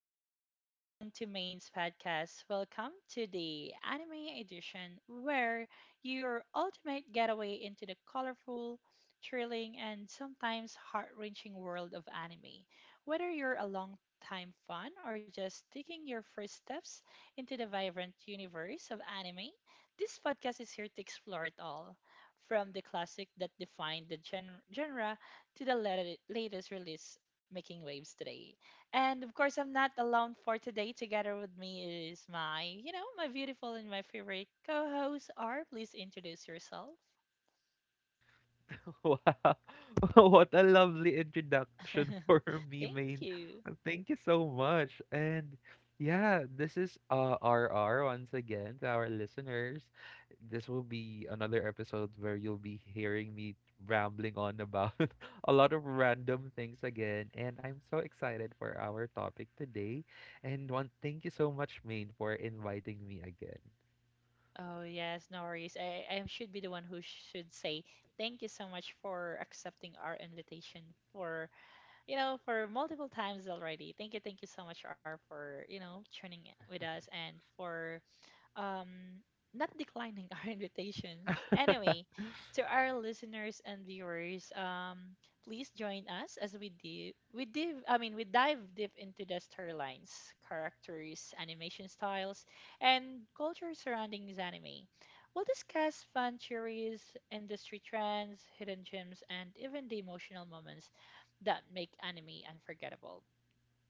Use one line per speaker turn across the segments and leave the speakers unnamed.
good morning, everyone, to Main's podcast. Welcome to the anime edition, where your ultimate getaway into the colorful, thrilling, and sometimes heart wrenching world of anime. Whether you're a long time fan or just taking your first steps into the vibrant universe of anime, this podcast is here to explore it all. From the classic that defined the genre to the latest release making waves today. And of course, I'm not alone for today. Together with me is my, my beautiful and my favorite co host, R. Please introduce yourself.
Wow. What a lovely introduction for me,
Thank
main.
you.
Thank you so much. And yeah, this is RR once again to our listeners. This will be another episode where you'll be hearing me rambling on about a lot of random things again. And I'm so excited for our topic today. And one, thank you so much, main, for inviting me again.
Oh, yes, no worries. I should be the one who should say thank you so much for accepting our invitation for, for multiple times already. Thank you so much, R, for, tuning in with us and for um, not declining our invitations. Anyway, to our listeners and viewers, please join us as we do we dive I mean we dive deep into the storylines, characters, animation styles, and culture surrounding this anime. We'll discuss fan theories, industry trends, hidden gems, and even the emotional moments that make anime unforgettable.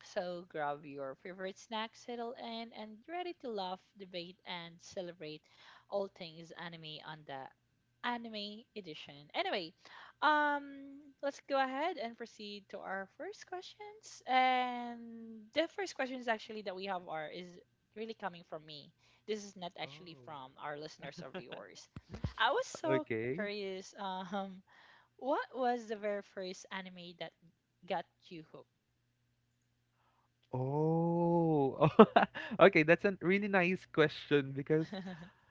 So grab your favorite snack, settle in, and ready to laugh, debate, and celebrate all things anime on the anime edition. Anyway, let's go ahead and proceed to our first questions. And the first questions actually that we have are is really coming from me. This is not actually
Oh,
from our listeners or viewers. I was so
okay.
curious. Um, what was the very first anime that got you hooked?
Oh, okay, that's a really nice question because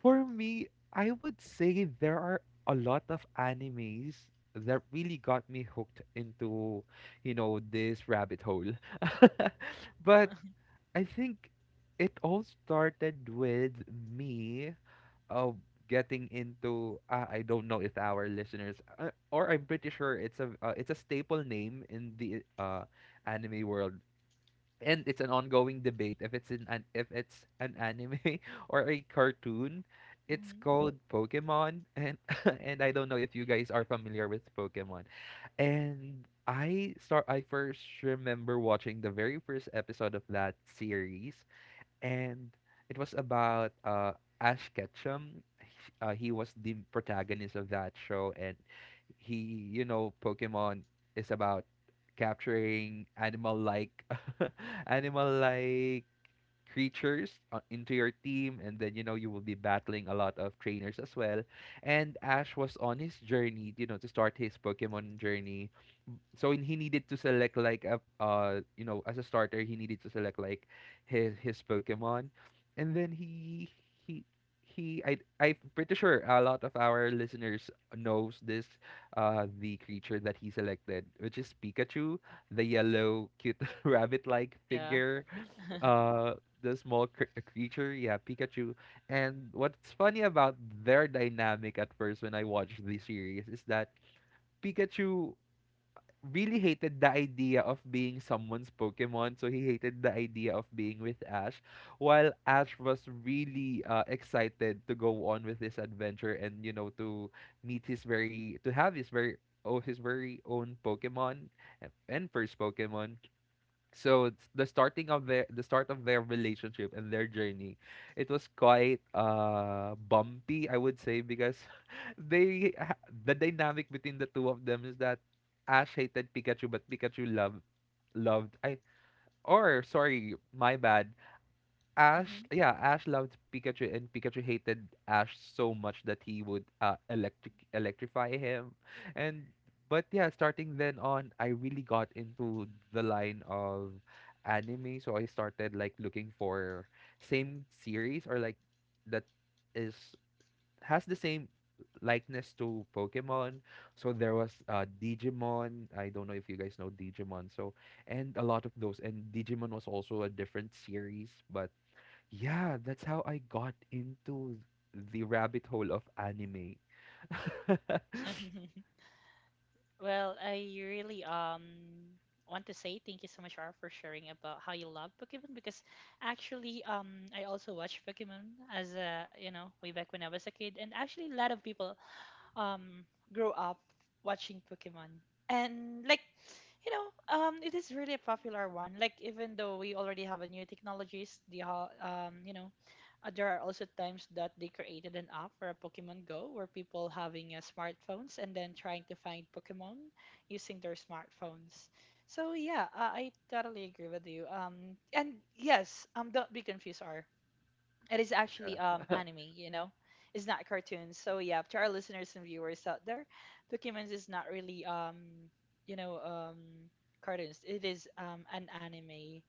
for me, I would say there are a lot of animes that really got me hooked into, you know, this rabbit hole. But I think it all started with me of getting into I don't know if our listeners or I'm pretty sure it's a staple name in the anime world, and it's an ongoing debate if it's an anime or a cartoon. It's
Mhm.
called Pokemon, and and I don't know if you guys are familiar with Pokemon. And I first remember watching the very first episode of that series, and it was about Ash Ketchum. He was the protagonist of that show, and he, you know, Pokemon is about capturing animal-like, animal-like creatures into your team, and then you know you will be battling a lot of trainers as well. And Ash was on his journey, you know, to start his Pokemon journey, so he needed to select like a you know, as a starter, he needed to select like his Pokemon, and then he he I'm pretty sure a lot of our listeners knows this, the creature that he selected, which is Pikachu, the yellow cute rabbit like
Yeah.
figure, uh the small creature, yeah, Pikachu. And what's funny about their dynamic at first when I watched the series is that Pikachu really hated the idea of being someone's Pokemon, so he hated the idea of being with Ash, while Ash was really excited to go on with this adventure, and you know, to have his very oh his very own Pokemon and first Pokemon. So it's the start of their relationship and their journey. It was quite bumpy, I would say, because the dynamic between the two of them is that Ash hated Pikachu, but Pikachu loved loved I or sorry, my bad. Ash,
Hmm.
yeah, Ash loved Pikachu, and Pikachu hated Ash so much that he would electric electrify him, and but yeah, starting then on, I really got into the line of anime, so I started like looking for same series or like that is has the same likeness to Pokemon. So there was Digimon. I don't know if you guys know Digimon. So and a lot of those, and Digimon was also a different series, but yeah, that's how I got into the rabbit hole of anime.
Well, I really want to say thank you so much, R, for sharing about how you love Pokemon, because actually I also watched Pokemon as a, way back when I was a kid, and actually a lot of people um grow up watching Pokemon. And like, it is really a popular one. Like, even though we already have a new technologies, there are also times that they created an app for a Pokemon Go, where people having smartphones and then trying to find Pokemon using their smartphones. So yeah, I totally agree with you. And yes, don't be confused, R. It is actually anime, you know. It's not cartoons. So yeah, to our listeners and viewers out there, Pokemon is not really you know um cartoons. It is an anime.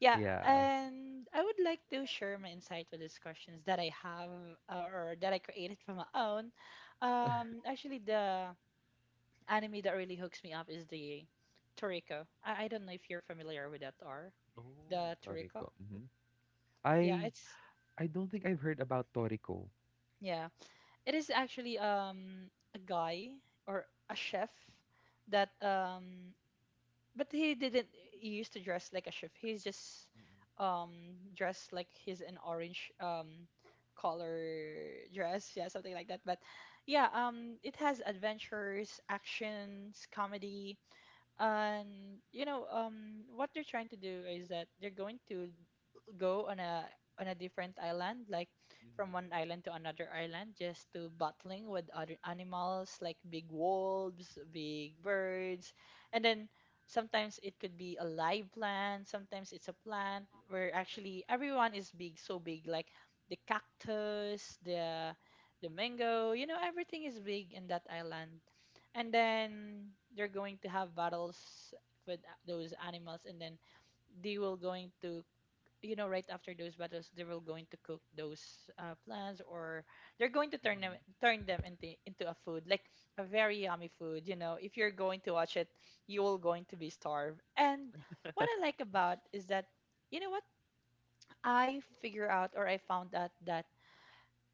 Yeah,
Yeah.
and I would like to share my insight with these questions that I have or that I created from my own. Actually, the anime that really hooks me up is the Toriko. I don't know if you're familiar with that or
Oh,
the Toriko.
Toriko. Hmm.
Yeah,
I
it's
I don't think I've heard about Toriko.
yeah it is actually a guy or a chef that but he didn't used to dress like a chef. He's just
Mm-hmm.
dressed like he's an orange color dress, yeah, something like that. But yeah, it has adventures, actions, comedy, and what they're trying to do is that they're going to go on a different island, like from one island to another island, just to battling with other animals like big wolves, big birds, and then sometimes it could be a live plant, sometimes it's a plant where actually everyone is big, so big, like the cactus, the mango, you know, everything is big in that island. And then they're going to have battles with those animals, and then they will going to, you know, right after those battles they will going to cook those plants, or they're going to
Mm-hmm.
turn them into a food, like a very yummy food. You know, if you're going to watch it, you will going to be starved. And what I like about is that, you know what, I figure out or I found out that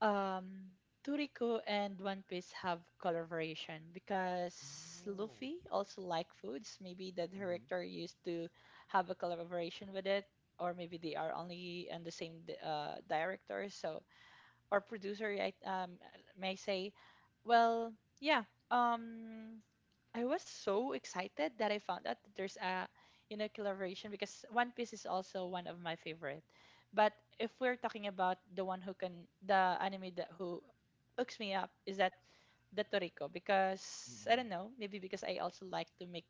um Toriko and One Piece have collaboration because
Oh.
Luffy also like foods. Maybe the
Mm-hmm.
director used to have a collaboration with it, or maybe they are only and the same director, so or producer. I may say, well, yeah. Um, I was so excited that I found out that there's a, you know, collaboration because One Piece is also one of my favorite. But if we're talking about the one who can the anime that who hooks me up is that the Toriko, because I don't
Mm-hmm.
know, maybe because I also like to make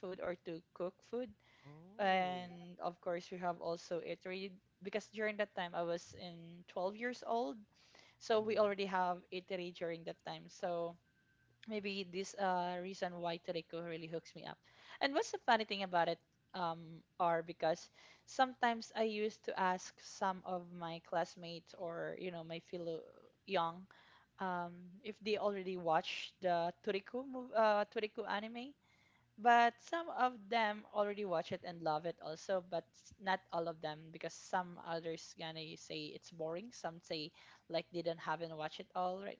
food or to cook food,
Oh.
and of course we have also eatery because during that time I was in 12 years old, so we
Mm-hmm.
already have eatery during that time, so maybe this reason why Toriko really hooks me up. And what's the funny thing about it, are because sometimes I used to ask some of my classmates, or you know, my fellow young um if they already watched the Toriko anime. But some of them already watch it and love it also, but not all of them, because some others gonna say it's boring. Some say like they don't haven't watched it all right,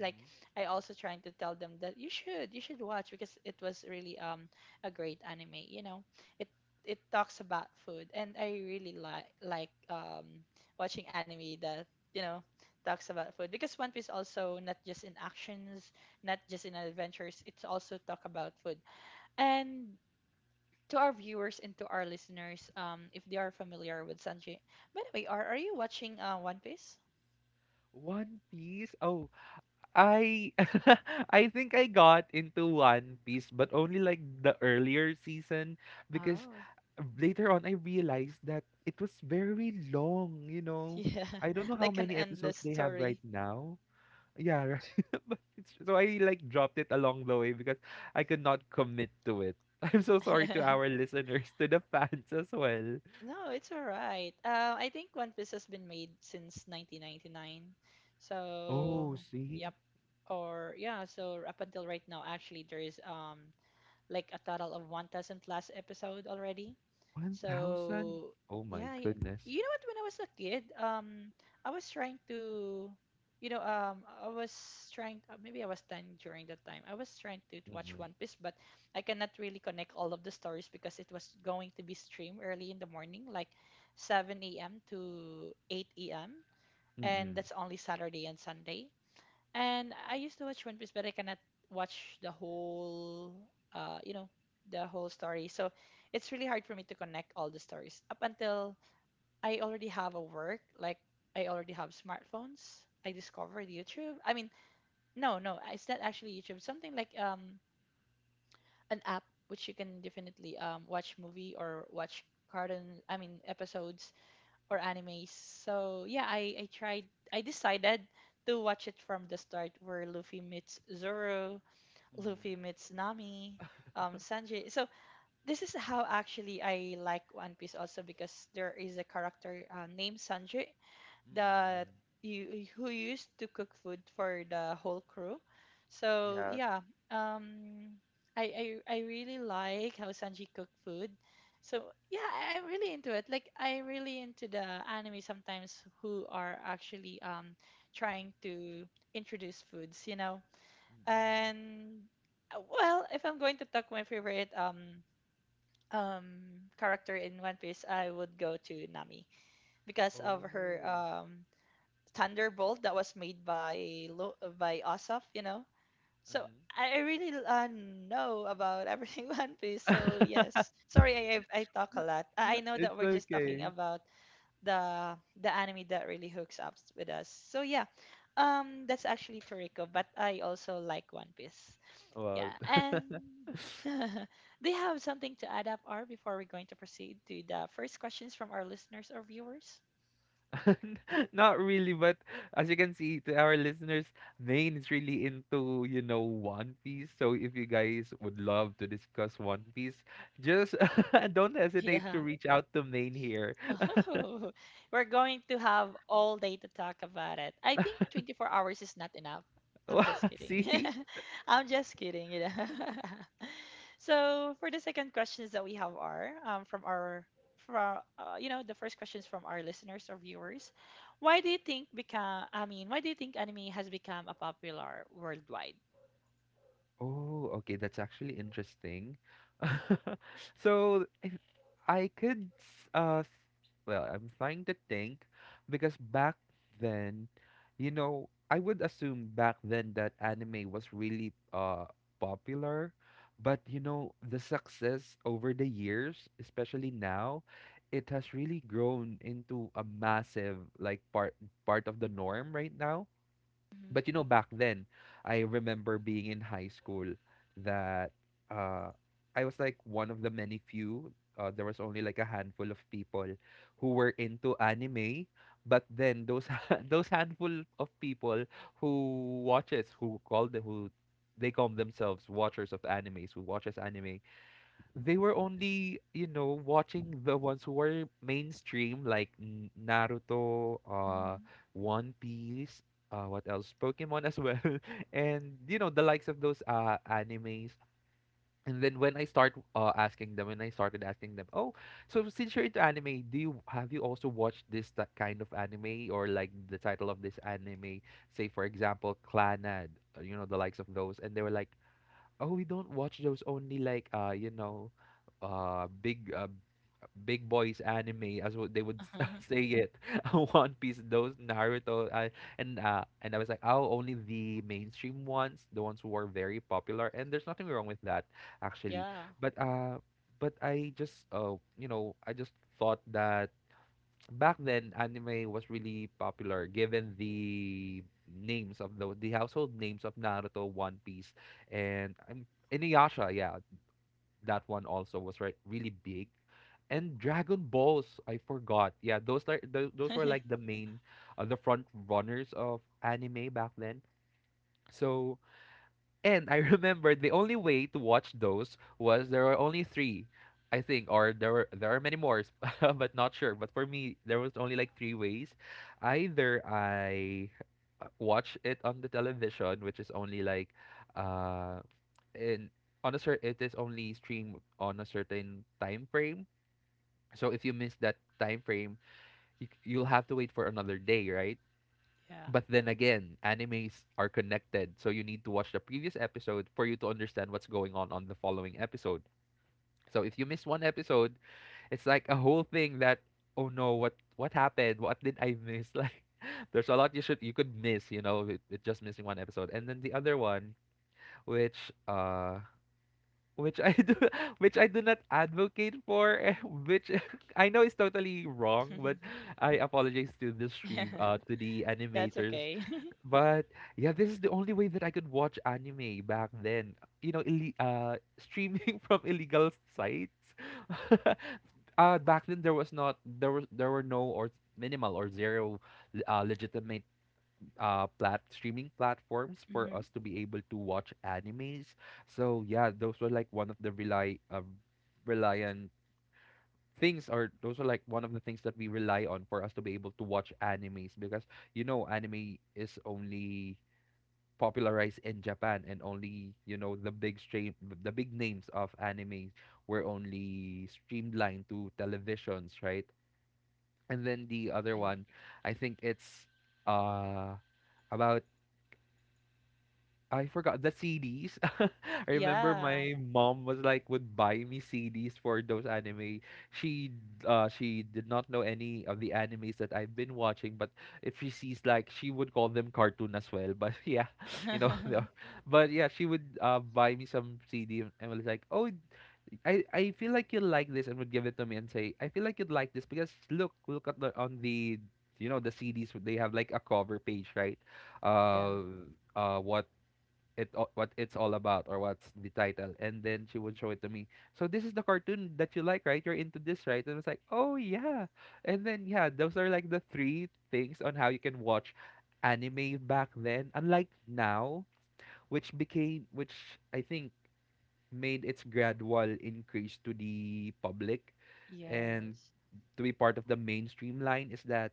like I also trying to tell them that you should watch because it was really a great anime. You know, it it talks about food, and I really like watching anime that, you know, talks about food, because One Piece also not just in actions, not just in adventures, it's also talk about food and. To our viewers and to our listeners, if they are familiar with Sanji, by the way, are you watching One Piece?
One Piece. Oh, I I think I got into One Piece, but only like the earlier season because later on I realized that it was very long, you know.
Yeah,
I don't know how
like an
many
endless
episodes they have
story.
right now. Yeah, right. But so I like dropped it along the way because I could not commit to it. I'm so sorry to our listeners, to the fans as well.
No, it's all right. I think One Piece has been made since 1999. So,
Oh, see?
yep. Or yeah, so up until right now, actually, there is like a total of 1,000 plus episode already.
1,000?
So
Oh my
yeah,
goodness.
you know what? When I was a kid, I was trying to, I was trying. Maybe I was 10 during that time. I was trying to watch
Mm-mm.
One Piece, but I cannot really connect all of the stories because it was going to be streamed early in the morning, like 7 a.m. to 8 a.m. And
Mm-mm.
that's only Saturday and Sunday. And I used to watch One Piece, but I cannot watch the whole, uh, you know, the whole story. So it's really hard for me to connect all the stories up until I already have a work, like I already have smartphones. I discovered YouTube. I mean, no, it's not actually YouTube. Something like an app which you can definitely watch movie or watch cartoon. I mean episodes or animes. So yeah, I decided to watch it from the start, where Luffy meets Zoro,
Mhm.
Luffy meets Nami, Sanji. So this is how actually I like One Piece also, because there is a character named Sanji
Mm,
that
yeah.
you who used to cook food for the whole crew. So
Yeah.
yeah, um, I really like how Sanji cook food. So yeah, I'm really into it. Like, I'm really into the anime sometimes who are actually trying to introduce foods, you know.
Mm.
And well, if I'm going to talk my favorite um character in One Piece, I would go to Nami because of her
Oh.
Thunderbolt that was made by Ossoff, you know. So
Mhm.
I really know about everything One Piece. So yes, sorry, I talk a lot. I know that
It's
we're just talking
okay.
about the anime that really hooks up with us. So yeah, that's actually Toriko, but I also like One Piece.
Well,
Yeah, and they have something to add up or before we're going to proceed to the first questions from our listeners or viewers.
not really, but as you can see to our listeners, Maine is really into, you know, One Piece. So if you guys would love to discuss One Piece, just don't hesitate to
Yeah.
reach out to Maine here.
Oh, we're going to have all day to talk about it. I think 24 hours is not enough. I'm just kidding.
See?
I'm just kidding, you know. So for the second questions that we have are, from our from you know the first questions from our listeners or viewers. Why do you think become I mean, why do you think anime has become a popular worldwide?
Oh, okay, that's actually interesting. So I could, s- s- well, I'm trying to think because back then, you know, I would assume back then that anime was really popular, but you know, the success over the years, especially now, it has really grown into a massive like part of the norm right now. But you know, back then I remember being in high school that uh I was like one of the many few. There was only like a handful of people who were into anime, but then those those handful of people who they call themselves watchers of animes, who watches anime, they were only, you know, watching the ones who were mainstream, like Naruto,
Mm-hmm.
One Piece, what else? Pokemon as well, and you know the likes of those animes. And then when I started asking them, oh, so since you're into anime, do you have you also watched this, that kind of anime, or like the title of this anime? Say for example, Clanad, you know, the likes of those, and they were like, "Oh, we don't watch those, only like you know, big big boys anime," as what they would
Hmm.
say it. "One Piece, those, Naruto, and I was like, "Oh, only the mainstream ones, the ones who are very popular." And there's nothing wrong with that actually.
Yeah.
But I just you know, I just thought that back then anime was really popular given the names of the household names of Naruto, One Piece, and Inuyasha. Yeah, that one also was really big. And Dragon Balls, I forgot. Yeah, those were like the main, the front runners of anime back then. So and I remember the only way to watch those was there were only three, I think, or there are many more, but not sure. But for me, there was only like three ways. Either I watch it on the television, which is only like, uh, in on a certain it is only streamed on a certain time frame. So if you miss that time frame, you'll have to wait for another day, right?
Yeah.
But then again, animes are connected, so you need to watch the previous episode for you to understand what's going on the following episode. So if you miss one episode, it's like a whole thing that, oh no, what happened? What did I miss? Like there's a lot you could miss, you know, with just missing one episode. And then the other one, which uh which I do which I do not advocate for, eh, which I know is totally wrong, but I apologize to the stream, to the
That's
animators,
okay.
but yeah, this is the only way that I could watch anime back then. You know, ille streaming from illegal sites. Uh, back then there were no or minimal or zero legitimate plat streaming platforms for
Hmm.
us to be able to watch animes. So yeah, those were like one of the rely reliant things, or those are like one of the things that we rely on for us to be able to watch animes, because you know, anime is only popularized in Japan, and only you know the big names of anime were only streamlined to televisions, right? And then the other
I.
one, I think it's uh about, I forgot, the CDs. I remember
Yeah.
my mom was like would buy me CDs for those anime. She she did not know any of the animes that I've been watching, but if she sees, like, she would call them cartoon as well. But yeah, you know, but yeah, she would buy me some CD and was like, "Oh, I feel like you'll like this," and would give it to me and say, "I feel like you'd like this because look, look at the on the, you know, the CDs, they have like a cover page, right?
Yeah.
Uh, uh, what what it's all about or what's the title," and then she would show it to me. So, "This is the cartoon that you like, right? You're into this, right?" And it's like, "Oh yeah." And then yeah, those are like the three things on how you can watch anime back then, unlike now, which became, which I think made its gradual increase to the public and
Yes.
to be part of the mainstream line, is that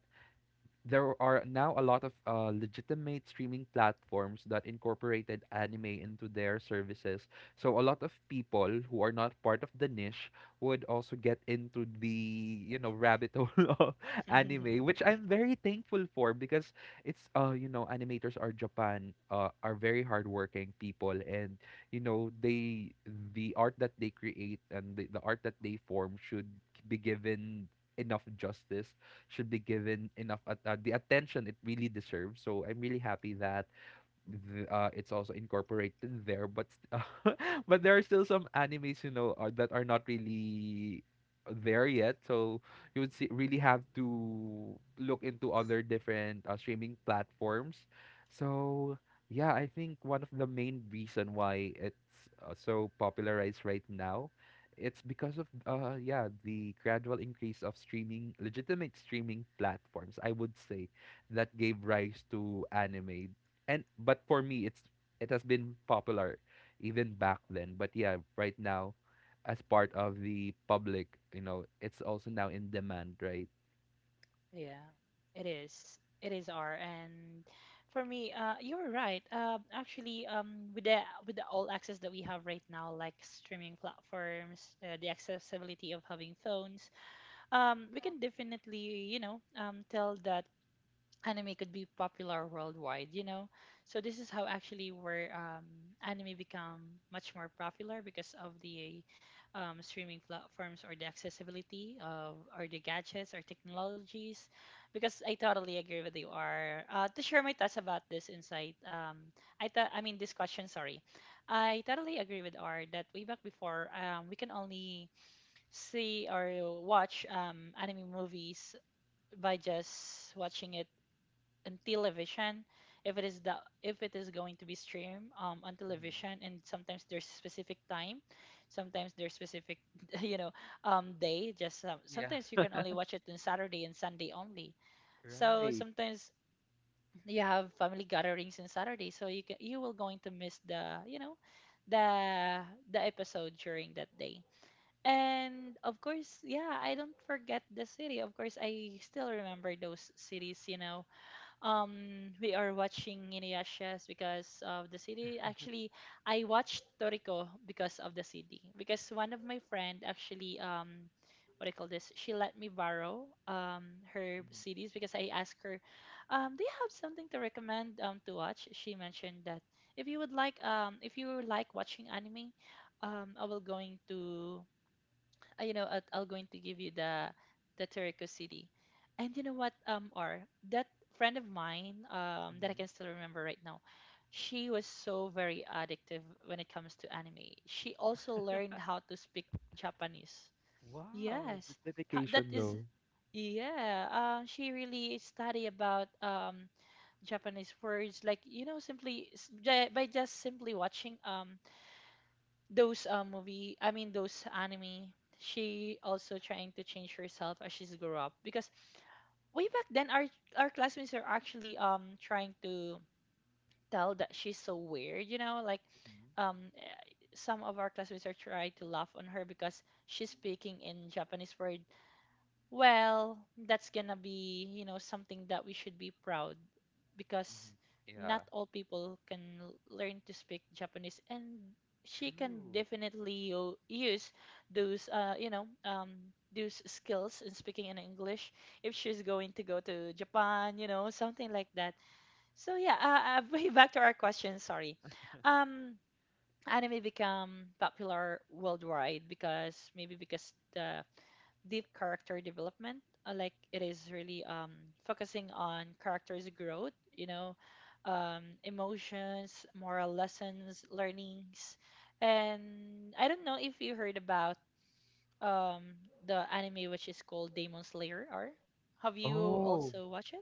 there are now a lot of legitimate streaming platforms that incorporated anime into their services. So a lot of people who are not part of the niche would also get into the rabbit hole of anime, which I'm very thankful for because animators are Japan are very hardworking people and they the art that they create and the art that they form should be given enough justice, should be given enough at the attention it really deserves. So I'm really happy that it's also incorporated there, but but there are still some animes are, that are not really there yet. So you would see, really have to look into other different streaming platforms. So yeah, I think one of the main reason why it's so popularized right now, it's because of yeah the gradual increase of streaming, legitimate streaming platforms. I would say that gave rise to anime. And but for me it's it has been popular even back then, but yeah right now, as part of the public, it's also now in demand, right?
Yeah. It is. It is, R. And for me, you're right. With the all access that we have right now, like streaming platforms, the accessibility of having phones, we can definitely, tell that anime could be popular worldwide. So this is how actually where anime become much more popular because of the streaming platforms or the accessibility of or the gadgets or technologies because I totally agree with you R. To share my thoughts about this insight I thought I mean this question, sorry. I totally agree with R that way back before, we can only see or watch anime movies by just watching it in television, if it is the, if it is going to be streamed on television,
Mhm.
and sometimes there's specific time, sometimes there's specific you know day just
Yeah,
sometimes you can only watch it on Saturday and Sunday only. So
right.
sometimes you have family gatherings on Saturday, so you can, you will going to miss the the the episode during that day. And of course, yeah, I don't forget the city. Of course, I still remember those cities, you know. Um, we are watching Inuyasha because of the city. Actually, I watched Toriko because of the city because one of my friend actually, um, what I call this, she let me borrow her
Mhm.
CDs because I asked her, do you have something to recommend to watch? She mentioned that if you would like if you like watching anime, I will going to I'll going to give you the Terrico City. And you know what, or that friend of mine, that I
Mhm.
can still remember right now, she was so very addictive when it comes to anime. She also learned how to speak Japanese.
Wow, the
Yes, that
dedication
is,
though.
yeah. She really study about Japanese words, like you know, simply by just simply watching those movie I mean those anime. She also trying to change herself as she's grow up because way back then our classmates are actually trying to tell that she's so weird, you know, like
Mhm.
um eh, some of our classmates are trying to laugh on her because she's speaking in Japanese word. Well, that's gonna be, you know, something that we should be proud because
Mhm.
not
Yeah.
all people can learn to speak Japanese, and she can
True.
definitely use those those skills in speaking in English if she's going to go to Japan, you know, something like that. So yeah, way back to our question, sorry. Um Anime become popular worldwide because maybe because the deep character development. Like it is really focusing on characters' growth, you know, emotions, moral lessons, learnings, and I don't know if you heard about um, the anime which is called Demon Slayer. Or have you
Oh,
also watched it?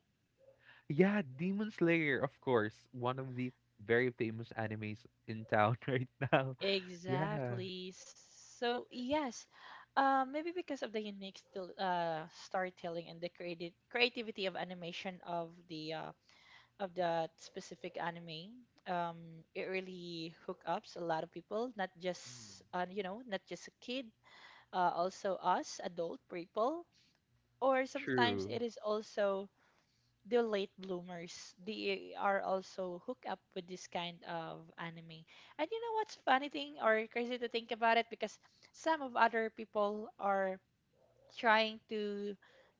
yeah, Demon Slayer, of course, one of the very famous animes in town right now. Yeah.
Exactly. So yes, maybe because of the unique still, storytelling and the creative creativity of animation of the of that specific anime, um it really hook ups a lot of people, not
Mhm.
just not just a kid, also us adult people, or sometimes
True.
it is also the late bloomers, they are also hook up with this kind of anime. And you know what's funny thing or crazy to think about it, because some of other people are trying to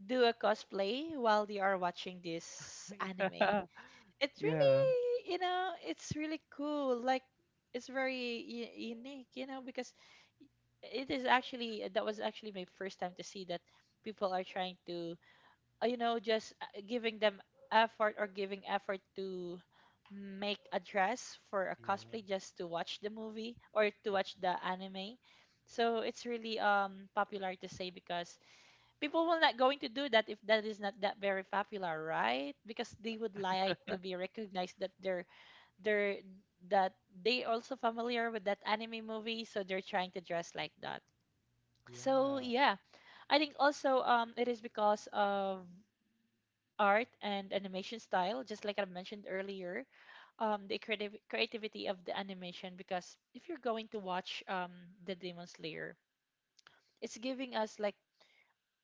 do a cosplay while they are watching this anime.
Yeah.
It's
Yeah.
really, you know, it's really cool, like it's very unique, you know, because it is actually, that was actually my first time to see that people are trying to you know just giving them effort or giving effort to make a dress for a
Yeah.
cosplay just to watch the movie or to watch the anime. So it's really popular to say because people will not going to do that if that is not that very popular, right? Because they would like to be recognized that they're, that they also familiar with that anime movie, so they're trying to dress like that. So
Yeah.
yeah, I think also it is because of art and animation style, just like I've mentioned earlier, the creative creativity of the animation, because if you're going to watch the Demon Slayer, it's giving us like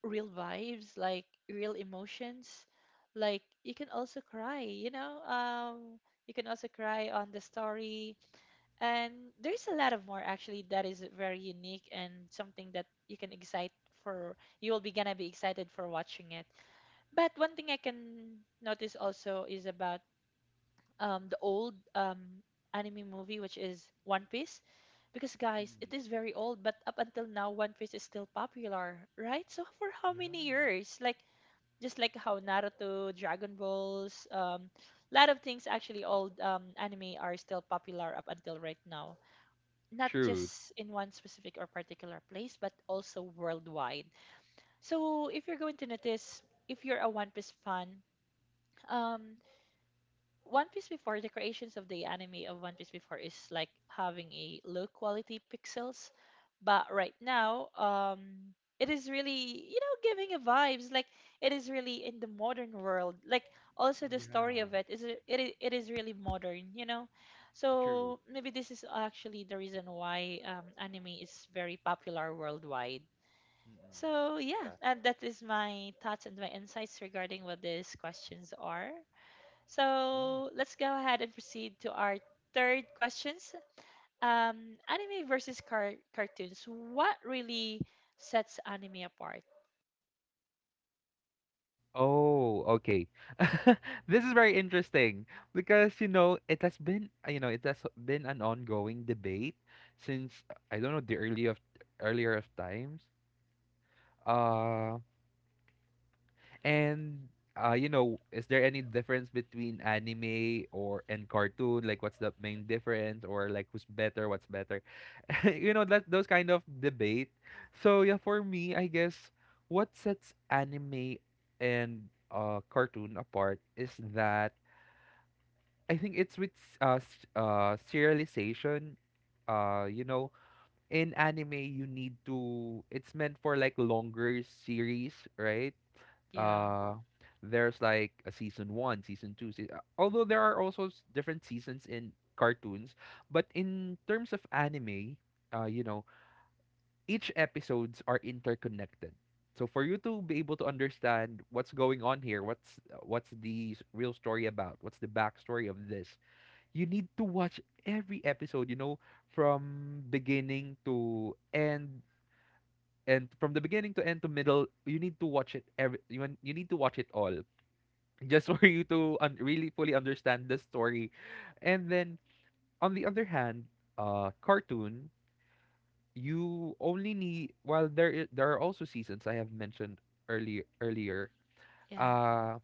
real vibes, like real emotions, like you can also cry, you know, you can also cry on the story. And there's a lot of more actually that is very unique and something that you can excite for, you will be gonna be excited for watching it. But one thing I can notice also is about the old anime movie which is One Piece, because guys, it
Mm.
is very old but up until now One Piece is still popular, right? So for how
Yeah.
many years? Like just like how Naruto, Dragon Balls, lot of things actually old um anime are still popular up until right now, not
True.
just in one specific or particular place, but also worldwide. So if you're going to notice, if you're a One Piece fan, um, one Piece before the creations of the anime of One Piece before is like having a low quality pixels, but right now, it is really, you know, giving a vibes like it is really in the modern world. Like also the story
Yeah.
of it is it is really modern, you know.
True.
So maybe this is actually the reason why anime is very popular worldwide.
Mm-mm.
So yeah,
Yeah.
and that is my thoughts and my insights regarding what these questions are.
Yeah.
So let's go ahead and proceed to our third questions. Anime versus cartoons. What really sets anime apart?
Oh, okay. This is very interesting because it has been it has been an ongoing debate since I don't know the early of earlier of times. Uh, and you know, is there any difference between anime or and cartoon? Like, what's the main difference, or like who's better? What's better? You know, that those kind of debate. So yeah, for me, I guess what sets anime and cartoon apart is that I think it's with serialization. You know, in anime you need to. It's meant for like longer series, right?
Yeah.
Uh, there's like a season one, season two. Although there are also different seasons in cartoons, but in terms of anime, you know each episodes are interconnected. So for you to be able to understand what's going on here, what's what's the real story about, what's the backstory of this, you need to watch every episode, you know, from beginning to end and from the beginning to end to middle, you need to watch it every you need to watch it all just for you to really fully understand the story. And then on the other hand, cartoon you only need while there are also seasons I have mentioned earlier.
Yeah.
Uh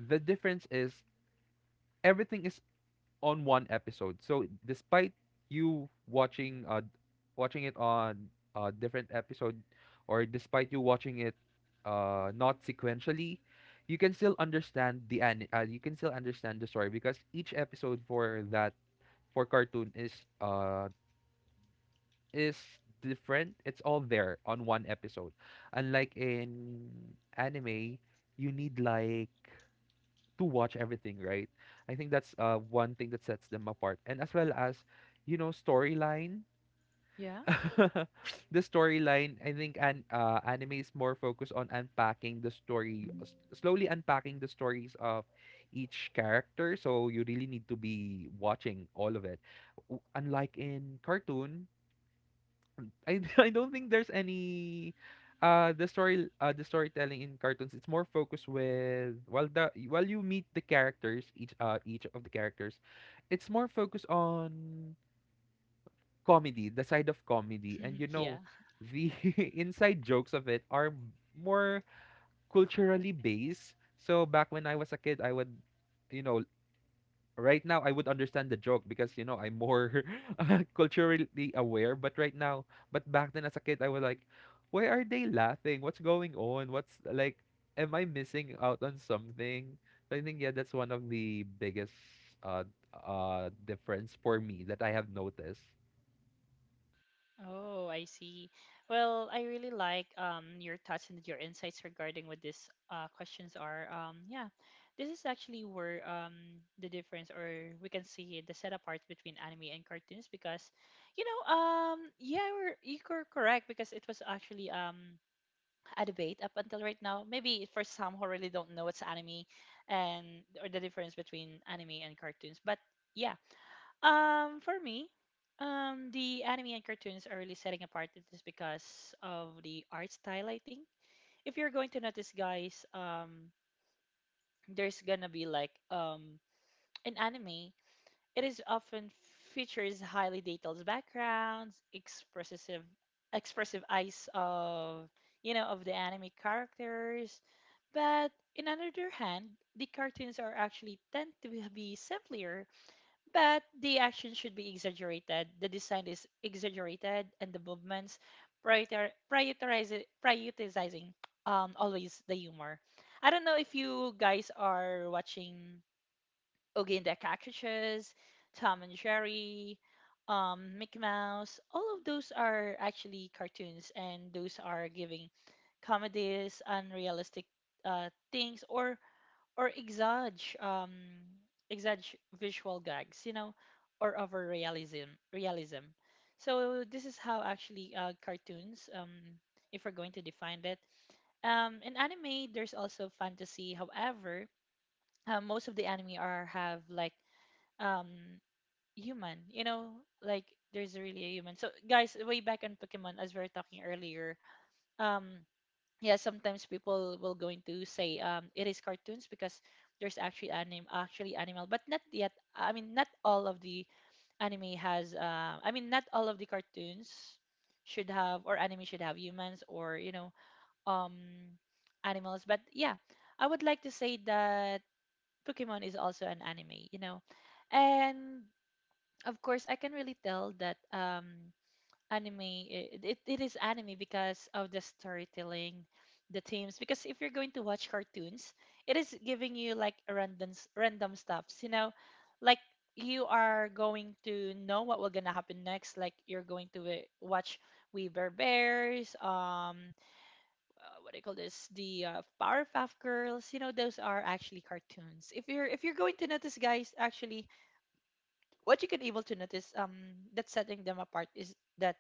the difference is everything is on one episode. So despite you watching watching it on a different episode
Hmm.
or despite you watching it not sequentially, you can still understand the an you can still understand the story because each episode for that for cartoon uh is different. It's all there on one episode. Unlike in anime, you need like to watch everything, right? I think that's one thing that sets them apart. And as well as, you know, storyline.
Yeah.
The storyline, I think an anime is more focused on unpacking the story, slowly unpacking the stories of each character. So you really need to be watching all of it. Unlike in cartoon, I I don't think there's any the storytelling in cartoons. It's more focused with while the while you meet the characters, each of the characters, it's more focused on comedy the side of comedy, and you know
yeah.
the inside jokes of it are more culturally based. So back when I was a kid, I would, you know, right now I would understand the joke because you know I'm more culturally aware. But right now, but back then as a kid, I was like, why are they laughing? What's going on? What's like, am I missing out on something? So I think yeah, that's one of the biggest uh difference for me that I have noticed.
Oh, I see. Well, I really like your thoughts and your insights regarding what these questions are. Yeah, this is actually where the difference, or we can see the set apart between anime and cartoons, because, you know, yeah, you're correct because it was actually a debate up until right now. Maybe for some who really don't know what's anime, and or the difference between anime and cartoons, but. Yeah, for me, the anime and cartoons are really setting apart, it is because of the art style, I think. If you're going to notice, guys, there's gonna be like an anime. It is often features highly detailed backgrounds, expressive eyes of, you know, of the anime characters. But in another hand, the cartoons are actually tend to be simpler, but the action should be exaggerated, the design is exaggerated, and the movements, prioritizing always the humor. I don't know if you guys are watching Oogie and the Cockroaches, Tom and Jerry, Mickey Mouse. All of those are actually cartoons, and those are giving comedies, unrealistic things, or exage visual gags, you know, or over realism, realism. So this is how actually cartoons um, if we're going to define it, in anime there's also fantasy. However, most of the anime are have like um human, you know, like there's really a human. So guys way back on Pokemon, as we were talking earlier, um yeah, sometimes people will going to say it is cartoons because there's actually anim actually animal, but not yet, I mean, not all of the anime has not all of the cartoons should have, or anime should have humans, or you know, um animals, but yeah, I would like to say that Pokemon is also an anime, you know. And of course, I can really tell that anime it is anime because of the storytelling, the themes, because if you're going to watch cartoons, it is giving you like random random stuffs, you know, like you are going to know what will gonna happen next, like you're going to watch We Bear Bears, um, what do you call this, the Powerpuff Girls, you know, those are actually cartoons. If you're, if you're going to notice, guys, actually what you can able to notice that's setting them apart is that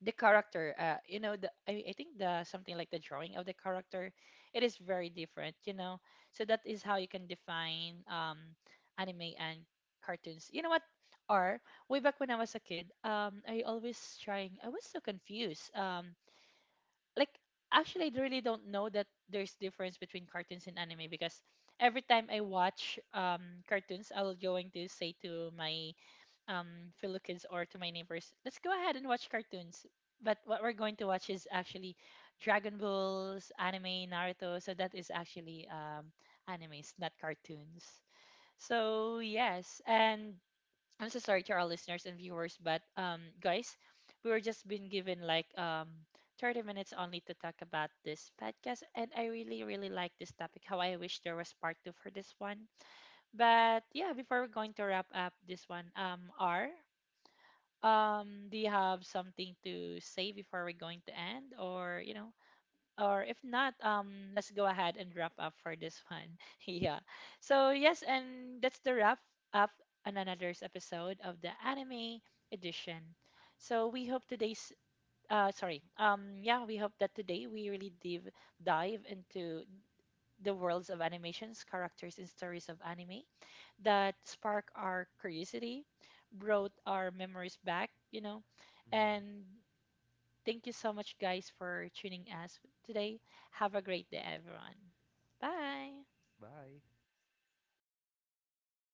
the character, uh, you know, the I think the something like the drawing of the character, it is very different, you know. So that is how you can define anime and cartoons, you know what, or way back when I was a kid, I always trying, I was so confused, um, like actually I really don't know that there's difference between cartoons and anime, because every time I watch cartoons, I'll going to say to my fellow kids or to my neighbors, let's go ahead and watch cartoons. But what we're going to watch is actually Dragon Balls, anime, Naruto. So that is actually animes, not cartoons. So yes, and I'm so sorry to our listeners and viewers, but guys, we were just been given like 30 minutes only to talk about this podcast, and I really really like this topic. How I wish there was part 2 for this one. But yeah, before we're going to wrap up this one, R, do you have something to say before we're going to end, or you know, or if not, let's go ahead and wrap up for this one. yeah. So yes, and that's the wrap up on another's episode of the anime edition. So we hope today's sorry yeah, we hope that today we really dive into the worlds of animations, characters, and stories of anime that spark our curiosity, brought our memories back, you know.
Hmm.
And thank you so much, guys, for tuning us today. Have a great day, everyone. Bye.
Bye.